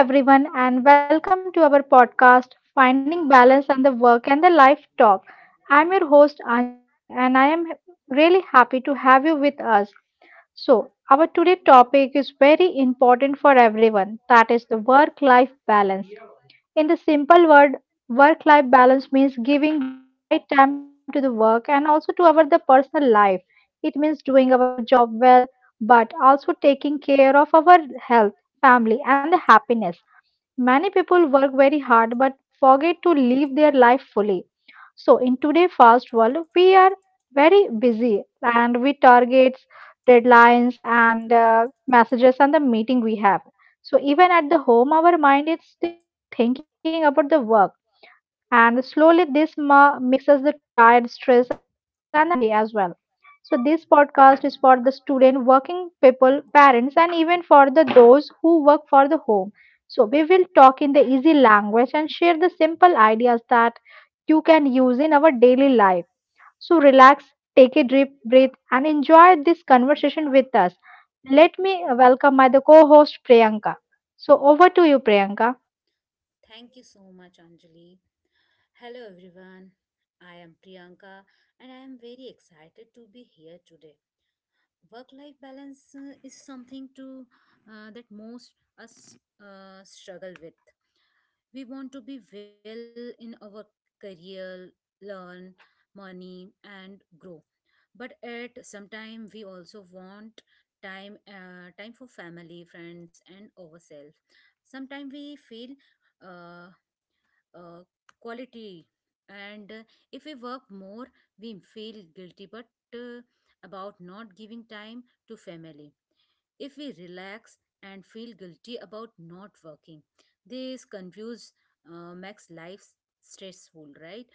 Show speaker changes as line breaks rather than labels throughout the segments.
So, hello everyone, and welcome to our podcast, Finding Balance and the Work and the Life Talk. I'm your host, Anjali, and I am really happy to have you with us. So, our today topic is very important for everyone that is the work life balance. In the simple word, work life balance means giving the right time to the work and also to our the personal life. It means doing our job well, but also taking care of our health, family, and the happiness. Many people work very hard but forget to live their life fully. So, in today's fast world, we are very busy and we targets, deadlines, and messages and the meeting we have. So, even at the home, our mind is still thinking about the work and slowly this makes us the tired stressed and unhappy as well. So this podcast is for the student working people parents and even for the those who work for the home. So we will talk in the easy language and share the simple ideas that you can use in our daily life. So relax, take a deep breath and enjoy this conversation with us. Let me welcome my the co-host Priyanka. So over to you, Priyanka.
Thank you so much, Anjali. Hello, everyone. I am Priyanka and I am very excited to be here today. Work life balance is something that most us struggle with. We want to be well in our career, learn, money, and grow. But at some time, we also want time for family friends and ourselves. Sometimes we feel uh, uh, quality and if we work more we feel guilty, but uh, about not giving time to family. If we relax and feel guilty about not working, this confuse makes life stressful, right?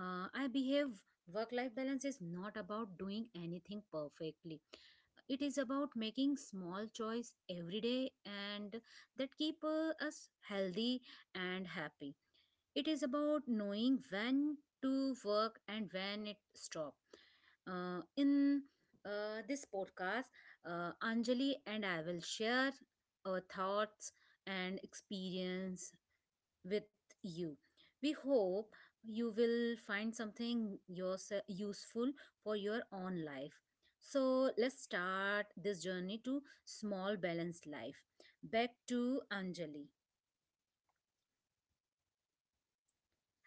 I behave work life balance is not about doing anything perfectly. It is about making small choice every day and that keep us healthy and happy. It is about knowing when to work and when it stop. In this podcast, Anjali and I will share our thoughts and experience with you. We hope you will find something useful for your own life. So let's start this journey to small balanced life. Back to Anjali.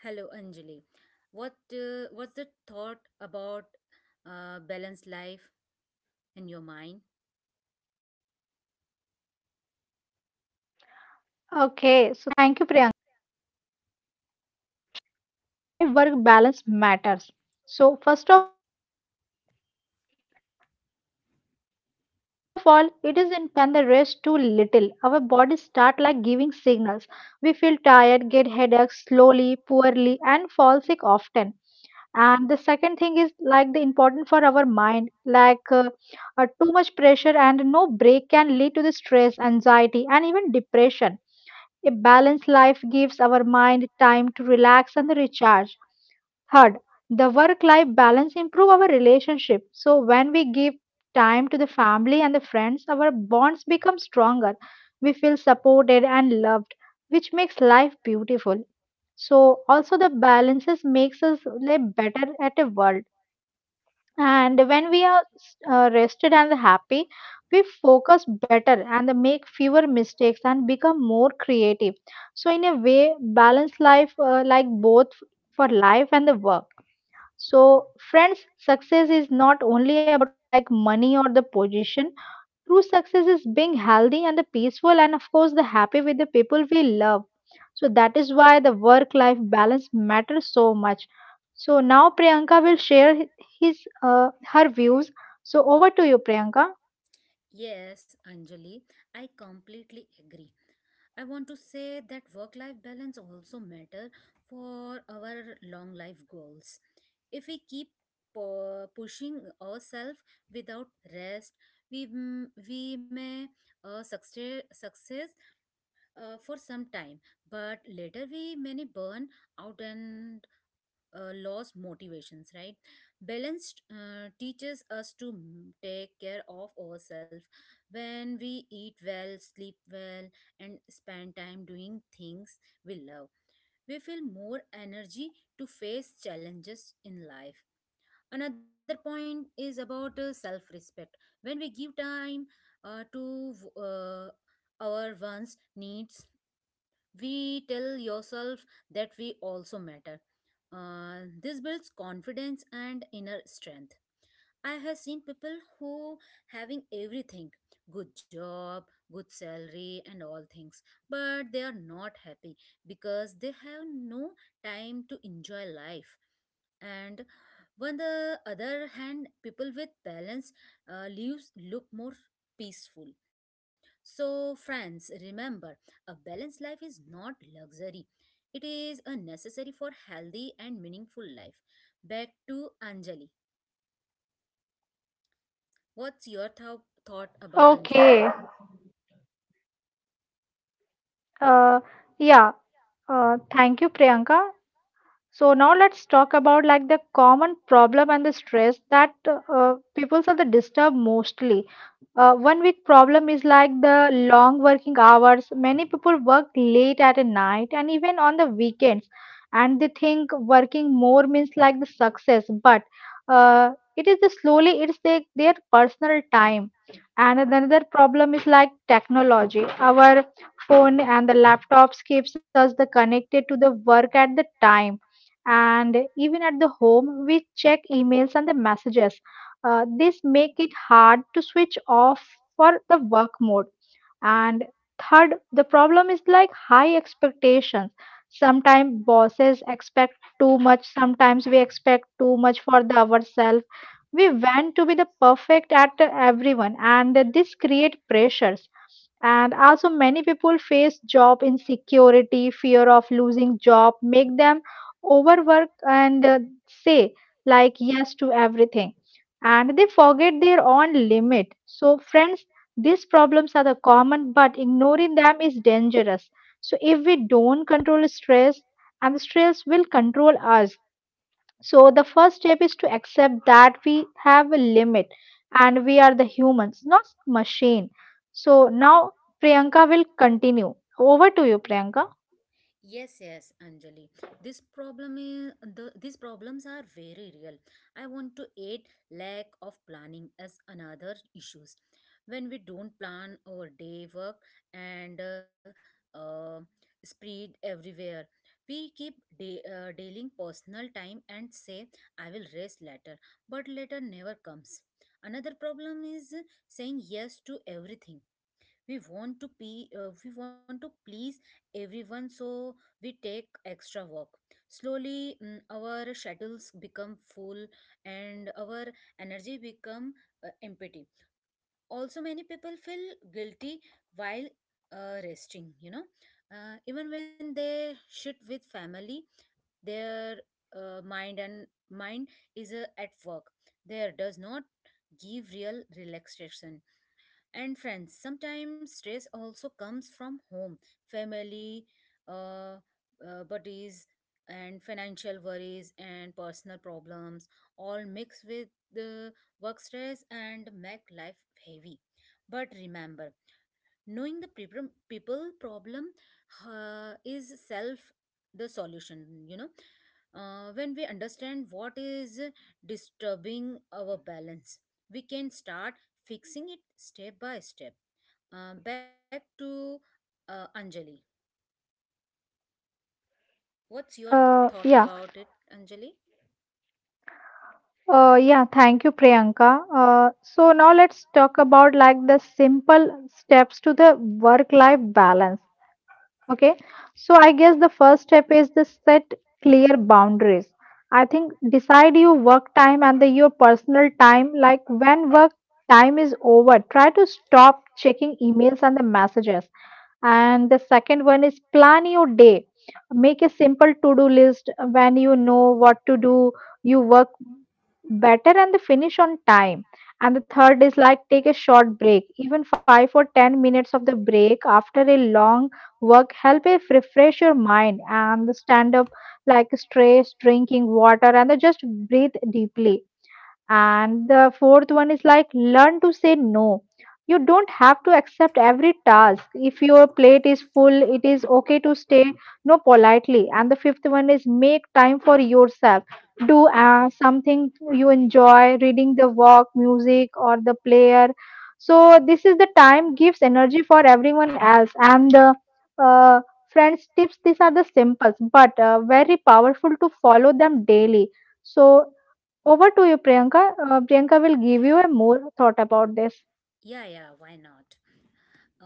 Hello, Anjali.
Okay, so
What
thank you,
uh, what's
Priyanka.
the
So
thought
now
about balanced life in your mind?
yeah, sure. So now let's talk about like the why work balance matters. So first of all, it is important for our health. When we work too much and the rest too little, our bodies start like giving signals. We feel tired, get headaches slowly, poorly, and fall sick often. And the second thing is like the important for our mind like too much pressure and no break can lead to the stress anxiety and even depression. A balanced life gives our mind time to relax and recharge. Third, the work life balance improve our relationship. So when we give time to the family and the friends, our bonds become stronger. We feel supported and loved, which makes life beautiful. So also the balances makes us live better at a world. And when we are rested and happy, we focus better and make fewer mistakes and become more creative. So, in a way, balance life like both for life and the work. So, friends, success is not only about like money or the position. True success is being healthy and the peaceful and of course the happy with the people we love. So that is why the work life balance matters so much. So now Priyanka will share hi- his her views. So over to you, Priyanka.
Yes, Anjali, I completely agree. I want to say that work-life balance also matter for our long life goals. If we keep pushing ourselves without rest, we may success for some time, but later we may burn out and lost motivations, right? Balanced teaches us to take care of ourselves. When we eat well, sleep well, and spend time doing things we love, we feel more energy to face challenges in life. Another point is about self-respect. When we give time to our one's needs, we tell yourself that we also matter. This builds confidence and inner strength. I have seen people who having everything, good job, good salary and all things, but they are not happy because they have no time to enjoy life. And on the other hand, people with balance lives look more peaceful. So, friends, remember a balanced life is not luxury. It is a necessary for healthy and meaningful life. Back to Anjali. What's your thought about
Okay.
Anjali?
Uh, yeah. Thank you Priyanka. So now let's talk about like the common problem and the stress that people are the disturbed mostly. One big problem is like the long working hours. Many people work late at night and even on the weekends, and they think working more means like the success. But uh, it is the slowly it's the, their personal time. And another problem is like technology. Our phone and the laptops keeps us the connected to the work at the time, and even at the home we check emails and the messages. This make it hard to switch off for the work mode. And third, the problem is like high expectations. Sometimes bosses expect too much, sometimes we expect too much for the ourselves. We want to be the perfect at everyone, and this create pressures. And also many people face job insecurity fear of losing job make them overwork and say like yes to everything and they forget their own limit. So, friends, these problems are the common, but ignoring them is dangerous. So, if we don't control stress, and the stress will control us. So, the first step is to accept that we have a limit and we are the humans, not machine. So, now Priyanka will continue. Over to you, Priyanka.
Yes, yes, Anjali. This problem is the these problems are very real. I want to add lack of planning as another issues. When we don't plan our day work and uh, spread everywhere, we keep dealing personal time and say I will rest later, but later never comes. Another problem is saying yes to everything. We want to please everyone, so we take extra work slowly. Mm, our schedules become full and our energy become empty. Also many people feel guilty while resting, even when they sit with family their mind is at work. There does not give real relaxation. And friends. Sometimes stress also comes from home, family, uh, buddies, and financial worries and personal problems all mix with the work stress and make life heavy. But remember, knowing the people problem is self the solution. you know when we understand what is disturbing our balance, we can start fixing it step by step. Back to Anjali. What's your th-
Uh,
thought
yeah.
about it, Anjali?
Yeah, thank you, Priyanka. So now let's talk about like the simple steps to the work-life balance. Okay, so I guess the first step is the set clear boundaries. I think decide your work time and the your personal time. Like when work time is over, try to stop checking emails and the messages. And the second one is plan your day. Make a simple to do list when you know what to do. You work better and the finish on time. And the third is like take a short break even 5 or 10 minutes of the break after a long work help it refresh your mind and stand up like stress drinking water and then just breathe deeply. And the fourth one is like learn to say no. You don't have to accept every task. If your plate is full, it is okay to stay no politely. And the fifth one is make time for yourself. Do something you enjoy, reading the walk, music, or the player. So this is the time gives energy for everyone else. And the uh, friends tips, these are the simple but very powerful to follow them daily. So over to you, Priyanka. Priyanka will give you a more thought about this.
Yeah, yeah, why not?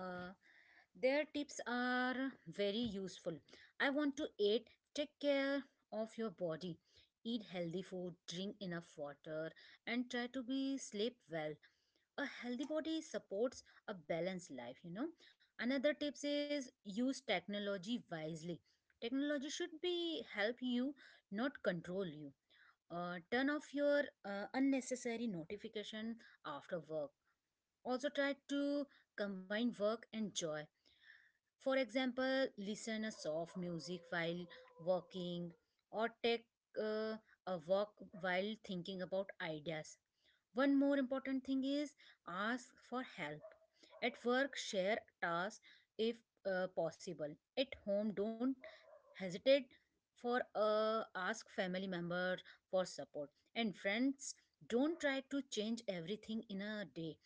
Uh, their tips are very useful. I want to aid, take care of your body, eat healthy food, drink enough water, and try to be sleep well. A healthy body supports a balanced life, you know. Another tips is use technology wisely. Technology should be help you, not control you. Turn off your unnecessary notification after work. Also try to combine work and joy, for example, listen a soft music while walking or take uh, a walk while thinking about ideas. One more important thing is ask for help. At work, share tasks if possible. At home, don't hesitate for ask family member for support. And friends, don't try to change everything in a day.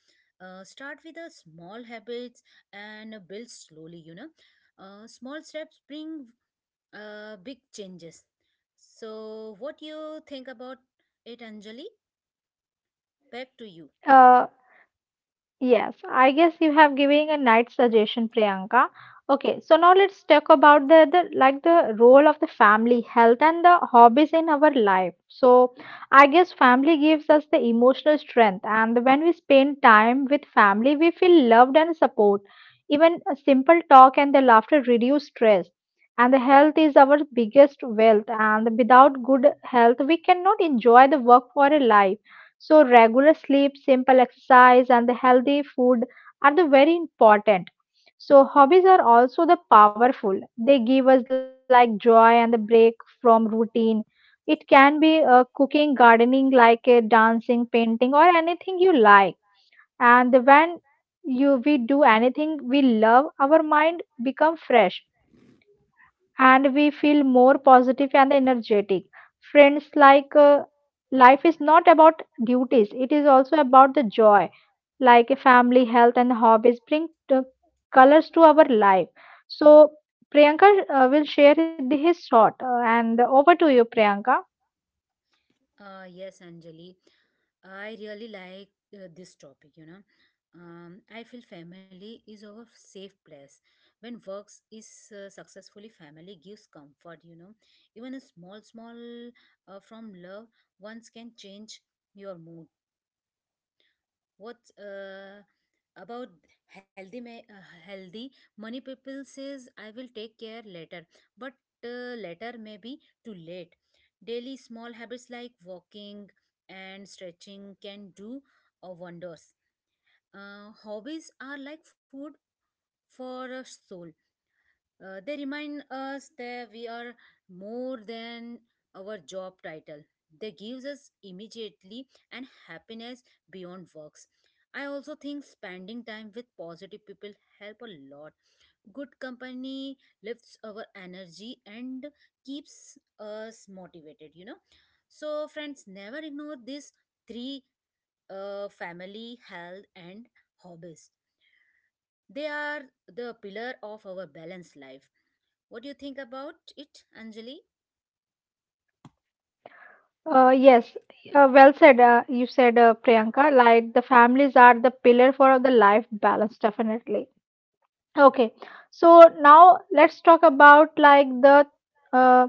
Start with a small habits and build slowly, you know. Small steps bring big changes. So what you think about it, Anjali? Back to you.
Uh, Yes, I guess you have given a nice suggestion, Priyanka. Okay, so now let's talk about the like the role of the family, health, and the hobbies in our life. So I guess family gives us the emotional strength, and when we spend time with family, we feel loved and support. Even a simple talk and the laughter reduce stress. And the health is our biggest wealth, and without good health, we cannot enjoy the work for a life. So, regular sleep, simple exercise, and the healthy food are the very important. So, hobbies are also the powerful. They give us like joy and the break from routine. It can be cooking, gardening, like dancing, painting, or anything you like. And when you we do anything we love, our mind become fresh and we feel more positive and energetic. Friends, like life is not about duties, it is also about the joy, like a family, health, and hobbies bring colors to our life. So, Priyanka will share his thought, and over to you, Priyanka.
Yes, Anjali. I really like this topic, you know. I feel family is our safe place. When works is successfully, family gives comfort, you know. Even a small, small from love, once can change your mood. What about healthy money, people says I will take care later, but later may be too late. Daily small habits like walking and stretching can do wonders. Hobbies are like food for a soul. They remind us that we are more than our job title. They gives us immediately and happiness beyond works. I also think spending time with positive people help a lot. Good company lifts our energy and keeps us motivated, you know. So friends, never ignore these three, family, health and hobbies. They are the pillar of our balanced life. What do you think about it, Anjali?
Yes, well said. You said, Priyanka, like the families are the pillar for the life balance, definitely. Okay, so now let's talk about like the uh,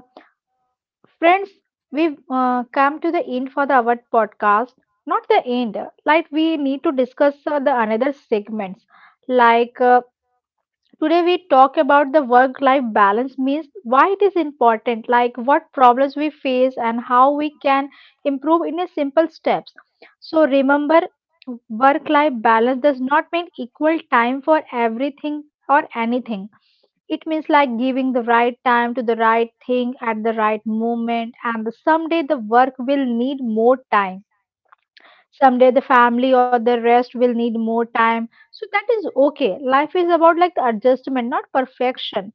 friends. We've come to the end for the our podcast. Not the end. Like we need to discuss the another segments. Like today we talk about the work-life balance means why it is important. Like what problems we face and how we can improve in a simple steps. So remember, work-life balance does not mean equal time for everything or anything. It means like giving the right time to the right thing at the right moment, and the someday the work will need more time. Someday the family or the rest will need more time, so that is okay. Life is about like the adjustment not perfection.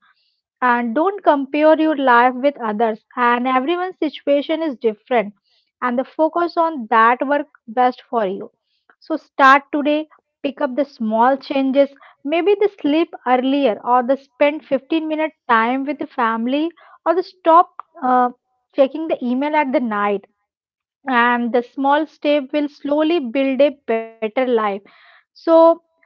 And don't compare your life with others and everyone's situation is different. And the focus on that work best for you. So start today, pick up the small changes, maybe the sleep earlier or the spend 15-minute time with the family or the stop uh, checking the email at the night. And the small step will slowly build a better life. So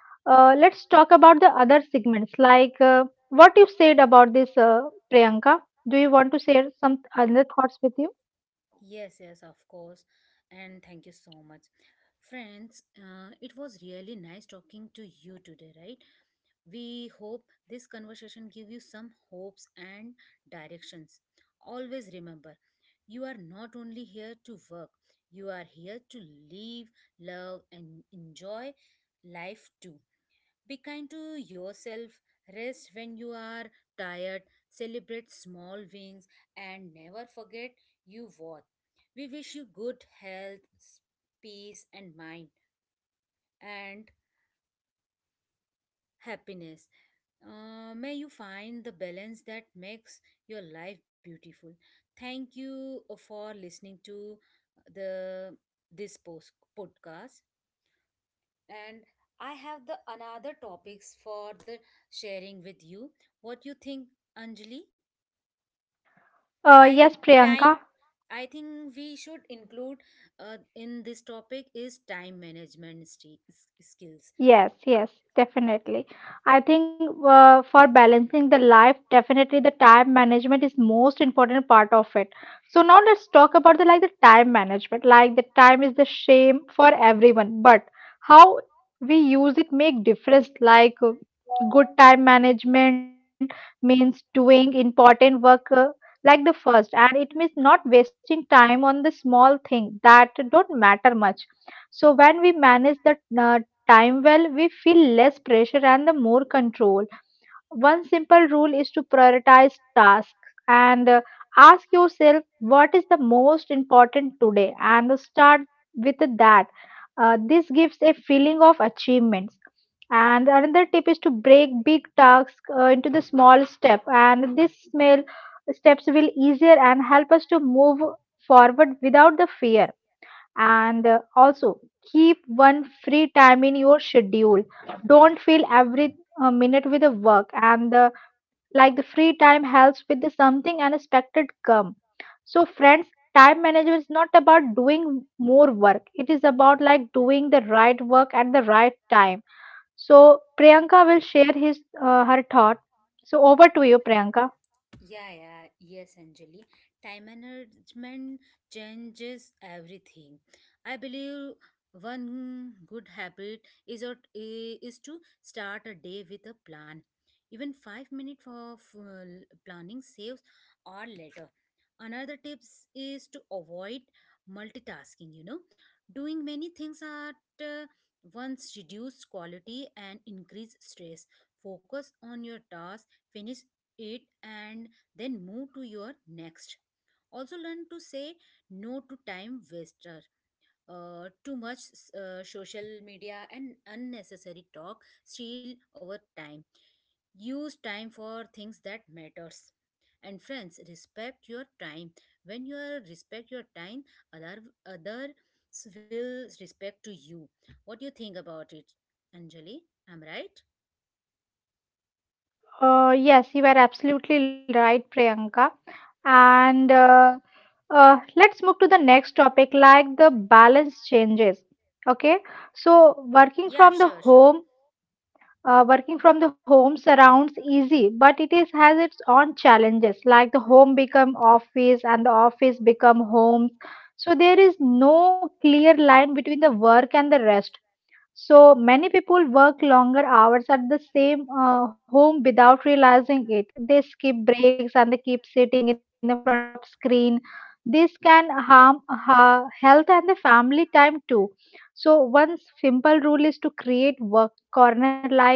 let's talk about the other segments like what you said about this Priyanka. Do you want to share some other thoughts with you?
Yes, yes, of course. And thank you so much. Friends, it was really nice talking to you today, right? We hope this conversation give you some hopes and directions. Always remember, you are not only here to work, you are here to live, love and enjoy life too. Be kind to yourself, rest when you are tired, celebrate small wins, and never forget you worth. We wish you good health, peace, and mind, and happiness. May you find the balance that makes your life beautiful. Thank you for listening to the this post podcast. And I have the another topics for the sharing with you. What you think, Anjali? I
uh,
think
yes
time
priyanka
I think we should include in this topic is time management skills.
Yes, yes, definitely. I think for balancing the life, definitely the time management is most important part of it. So now let's talk about the like the time management. Like the time is the same for everyone, but how we use it make difference. Like good time management means doing important work like the first, and it means not wasting time on the small thing that don't matter much. So when we manage the uh, time well, we feel less pressure and the more control. One simple rule is to prioritize tasks and ask yourself what is the most important today and start with that. This gives a feeling of achievements. And another tip is to break big tasks into the small step, and this small steps will easier and help us to move forward without the fear, and also keep one free time in your schedule. Don't fill every minute with the work and like the free time helps with the something unexpected come. So friends, time management is not about doing more work, it is about like doing the right work at the right time. So Priyanka will share his her thought. So over to you, Priyanka.
Yeah, yeah, yes, Anjali. Time management changes everything. I believe one good habit is to start a day with a plan. Even 5 minutes of planning saves or later. Another tips is to avoid multitasking, you know, doing many things at uh, once reduce quality and increase stress. Focus on your task, finish it, and then move to your next. Also learn to say no to time waster. Too much social media and unnecessary talk steal our time. Use time for things that matters. And friends, respect your time. When you are respect your time, other others will respect to you. What do you think about it, Anjali? I'm right?
Yes, you are absolutely right, Priyanka. And let's move to the next topic, like the balance changes. Okay, so working
Yeah,
from the
sure, sure.
home, working from the home surrounds easy, but it is has its own challenges. Like the home become office, and the office become homes. So there is no clear line between the work and the rest. So many people work longer hours at the same home without realizing it. They skip breaks and they keep sitting in the front of screen. This can harm health and the family time too. So one simple rule is to create work corner, like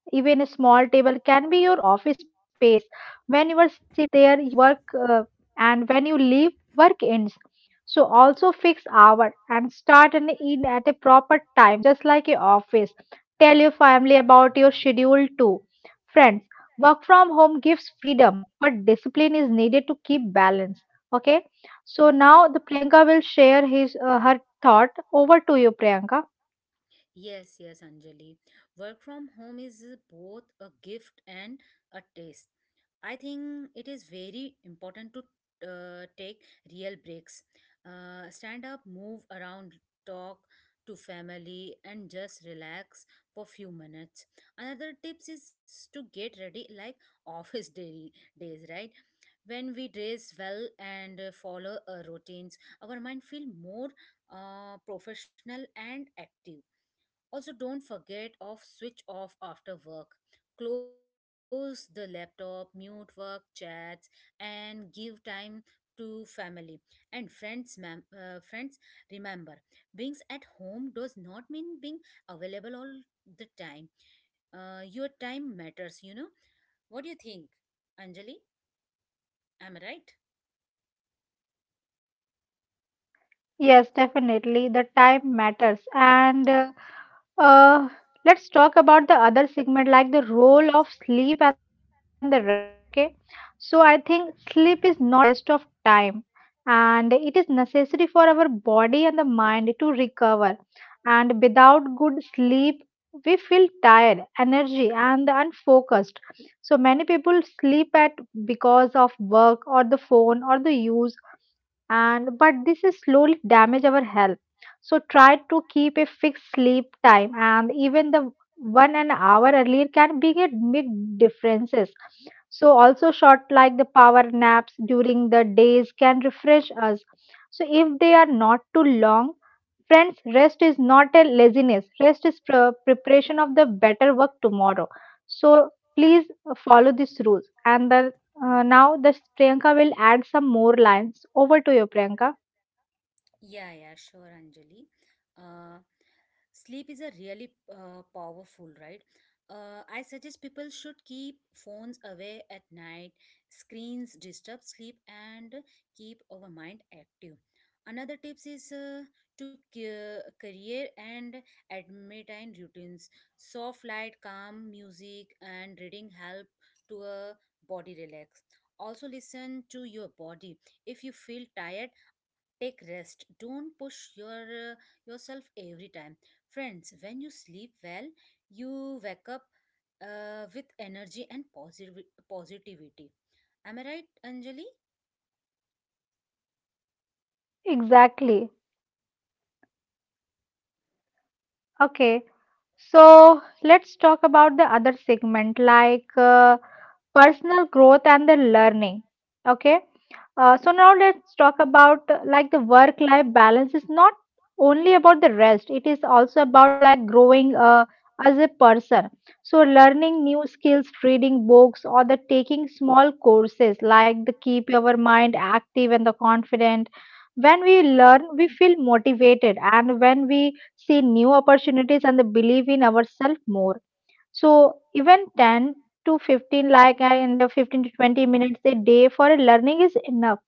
even a small table can be your office space. When you are sit there, you work, uh, and when you leave, work ends. So also fix hour and start and end at a proper time, just like a office. Tell your family about your schedule too. Friends, work from home gives freedom, but discipline is needed to keep balance. Okay. So now the Priyanka will share his her thought. Over to you, Priyanka.
Yes, yes, Anjali. Work from home is both a gift and a test. I think it is very important to take real breaks. Stand up, move around, talk to family, and just relax for few minutes. Another tips is to get ready like office daily days, right? When we dress well and follow routines, our mind feel more professional and active. Also, don't forget off switch off after work. Close the laptop, mute work chats, and give time to family and friends. Ma'am, friends, remember, being at home does not mean being available all the time. Your time matters. You know what do you think, Anjali? Am I right?
Yes, definitely. The time matters. And uh, let's talk about the other segment, like the role of sleep and the rest. Okay. So I think sleep is not a waste of time, and it is necessary for our body and the mind to recover. And without good sleep, we feel tired, energy, and unfocused. So many people sleep at because of work or the phone or the use, and but this is slowly damage our health. So try to keep a fixed sleep time, and even the one an hour earlier can be a big differences. So also short, like the power naps during the days can refresh us, so if they are not too long. Friends, rest is not a laziness, rest is preparation of the better work tomorrow. So please follow these rules and the now the Priyanka will add some more lines. Over to you, Priyanka.
Yeah, yeah, sure, Anjali. Uh, sleep is a really powerful, right? I suggest people should keep phones away at night. Screens disturb sleep and keep our mind active. Another tips is to cure, career and admitine routines. Soft light, calm music, and reading help to a body relax. Also, listen to your body. If you feel tired, take rest. Don't push your uh, yourself every time. Friends, when you sleep well you wake up with energy and positive positivity. Am I right, Anjali?
Exactly. Okay, so let's talk about the other segment, like personal growth and the learning. Okay, so now let's talk about like the work life balance is not only about the rest, it is also about like growing as a person. So learning new skills, reading books, or the taking small courses, like the keep your mind active and the confident. When we learn, we feel motivated, and when we see new opportunities and the believe in ourselves more. So even 10 to 15, like in the 15 to 20 minutes a day for learning is enough.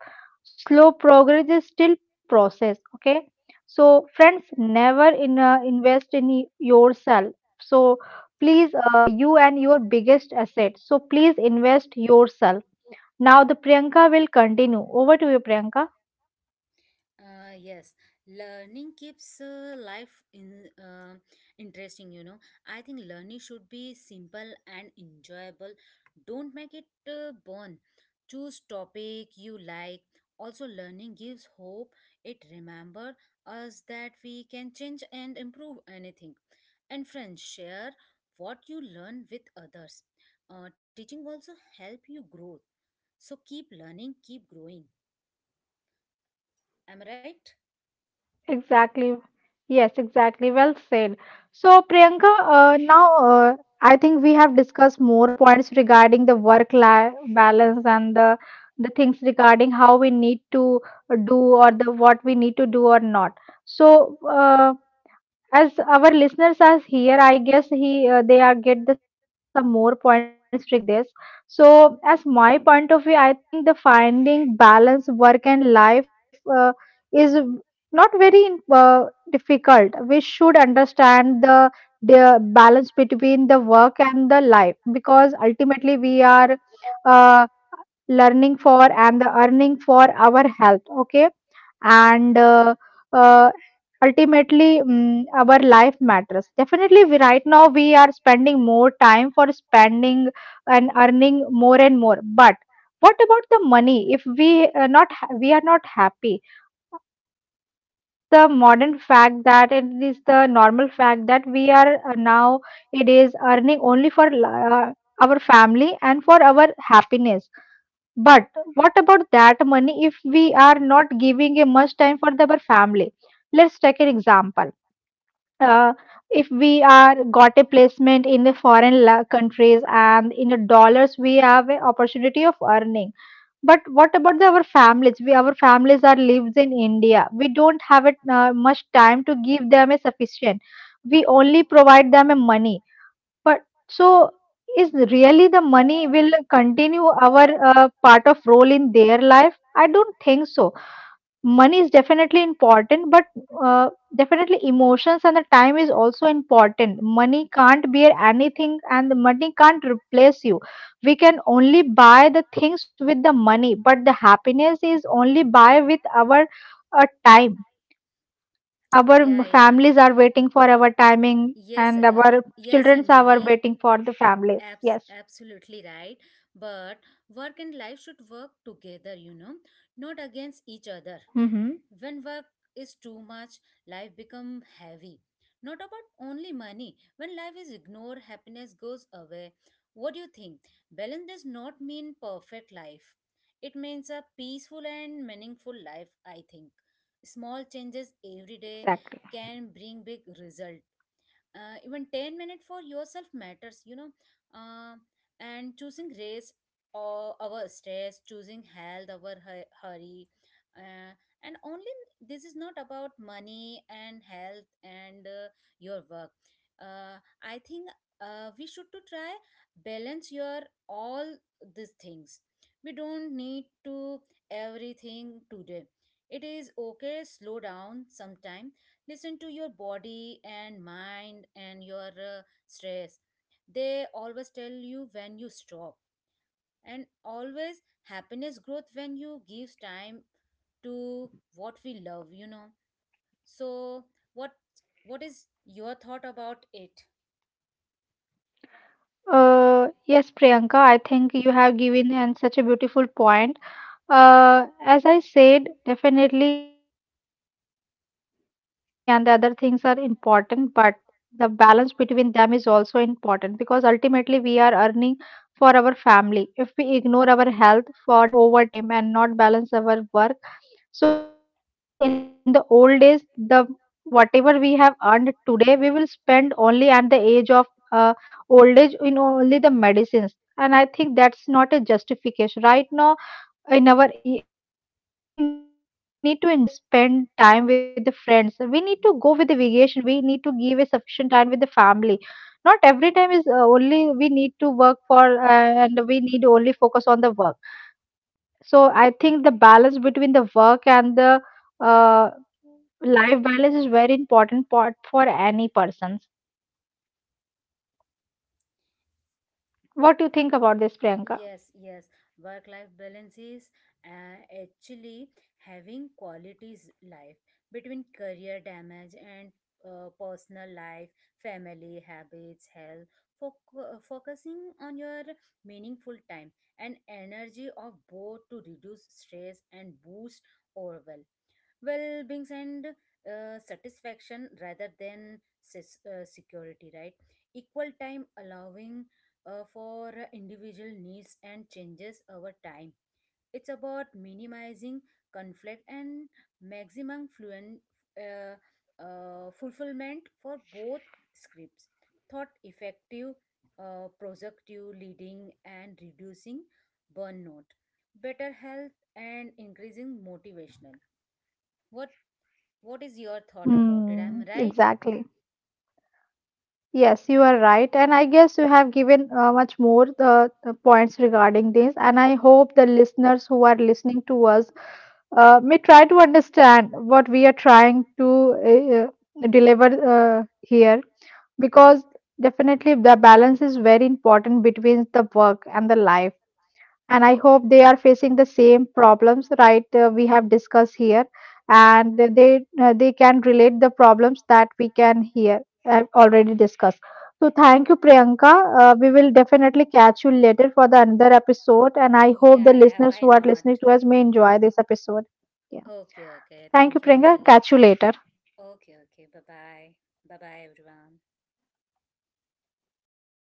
Slow progress is still process. Okay. So friends, never invest in yourself. So please you and your biggest asset. So please invest yourself. Now the Priyanka will continue. Over to you, Priyanka.
Yes, learning keeps life in interesting. You know, I think learning should be simple and enjoyable. Don't make it burn. Choose topic you like. Also, learning gives hope. It remember us that we can change and improve anything. And friends, share what you learn with others. Teaching also help you grow. So keep learning, keep growing. Am I right?
Exactly. Yes, exactly. Well said. So Priyanka, now I think we have discussed more points regarding the work-life balance and the things regarding how we need to do or the what we need to do or not. So as our listeners are here, I guess he they are get the some more points regarding this. So as my point of view, I think the finding balance work and life is not very uh, difficult. We should understand the the balance between the work and the life, because ultimately we are learning for and the earning for our health. Okay. and uh, Ultimately our life matters. Definitely right now we are spending more time for spending and earning more and more, but what about the money if we not ha- we are not happy? It is the modern fact, that it is the normal fact that we are now it is earning only for our family and for our happiness. But what about that money if we are not giving a much time for the our family? Let's take an example. Uh, if we are got a placement in the foreign countries and in the dollars we have an opportunity of earning. But what about our families? We our families are lives in India. We don't have it much time to give them a sufficient. We only provide them a money, but so is really the money will continue our part of role in their life? I don't think so. Money is definitely important, but uh, definitely emotions and the time is also important. Money can't bear anything, and the money can't replace you. We can only buy the things with the money, but the happiness is only buy with our time. Our
Yeah, yeah.
families are waiting for our timing
Yes,
and our
yes,
children are
Anjali,
waiting for the families.
abs-
Yes.
absolutely right. But work and life should work together, you know, not against each other.
Mm-hmm.
When work is too much, life become heavy. Not about only money. When life is ignored, happiness goes away. What do you think? Balance does not mean perfect life. It means a peaceful and meaningful life, I think. Small changes every day
Exactly.
can bring big result. Even 10 minutes for yourself matters, you know. uh, and choosing race or our stress, choosing health our hurry. uh, and only this is not about money and health and your work. uh, I think we should to try balance your all these things. We don't need to everything today. It is okay, slow down sometime. Listen to your body and mind and your stress. They always tell you when you stop. And always happiness growth when you give time to what we love, you know. So what what is your thought about it?
uh, yes Priyanka, I think you have given an such a beautiful point. uh, as I said, definitely the money and the other things are important, but the balance between them is also important, because ultimately we are earning for our family. If we ignore our health for doing overtime and not balance our work. So I guess in the old days, the whatever we have earned today, we will spend only at the age of uh, old age in only the medicines. And I think that's not a justification. Right now, in our in young age, we need to enjoy the spend time with the friends. We need to go with the vacation. We need to give a sufficient time with the family. Not every time is only we need to work for and we need to only focus on the work. So I think the balance between the work and the uh, life balance is very important part for any persons. What do you think about this, Priyanka?
Yes, yes. Work life balance is actually having qualities life between career damage and personal life, family habits, health, focusing on your meaningful time and energy of both to reduce stress and boost overall well being and satisfaction rather than security, right? Equal time allowing for individual needs and changes over time. It's about minimizing conflict and maximum fluent uh, fulfillment for both scripts thought effective productive leading and reducing burnout, better health and increasing motivational. what what is your thought about it?
Hmm,
I'm right?
exactly. Yes, you are right, and I guess you have given much more points regarding this. And I hope the listeners who are listening to us may try to understand what we are trying to deliver here, because definitely the balance is very important between the work and the life. And I hope they are facing the same problems, right? We have discussed here, and they can relate the problems that we can hear and already discussed. So thank you, Priyanka. We will definitely catch you later for the another episode, and I hope
Yeah,
the
yeah, why
listeners who are
not?
listening to us may enjoy this episode. Yeah.
Okay, okay.
Thank
Thank
you,
you,
Priyanka.
Anjali.
Catch you later.
Okay, okay. Bye bye. Bye bye, everyone.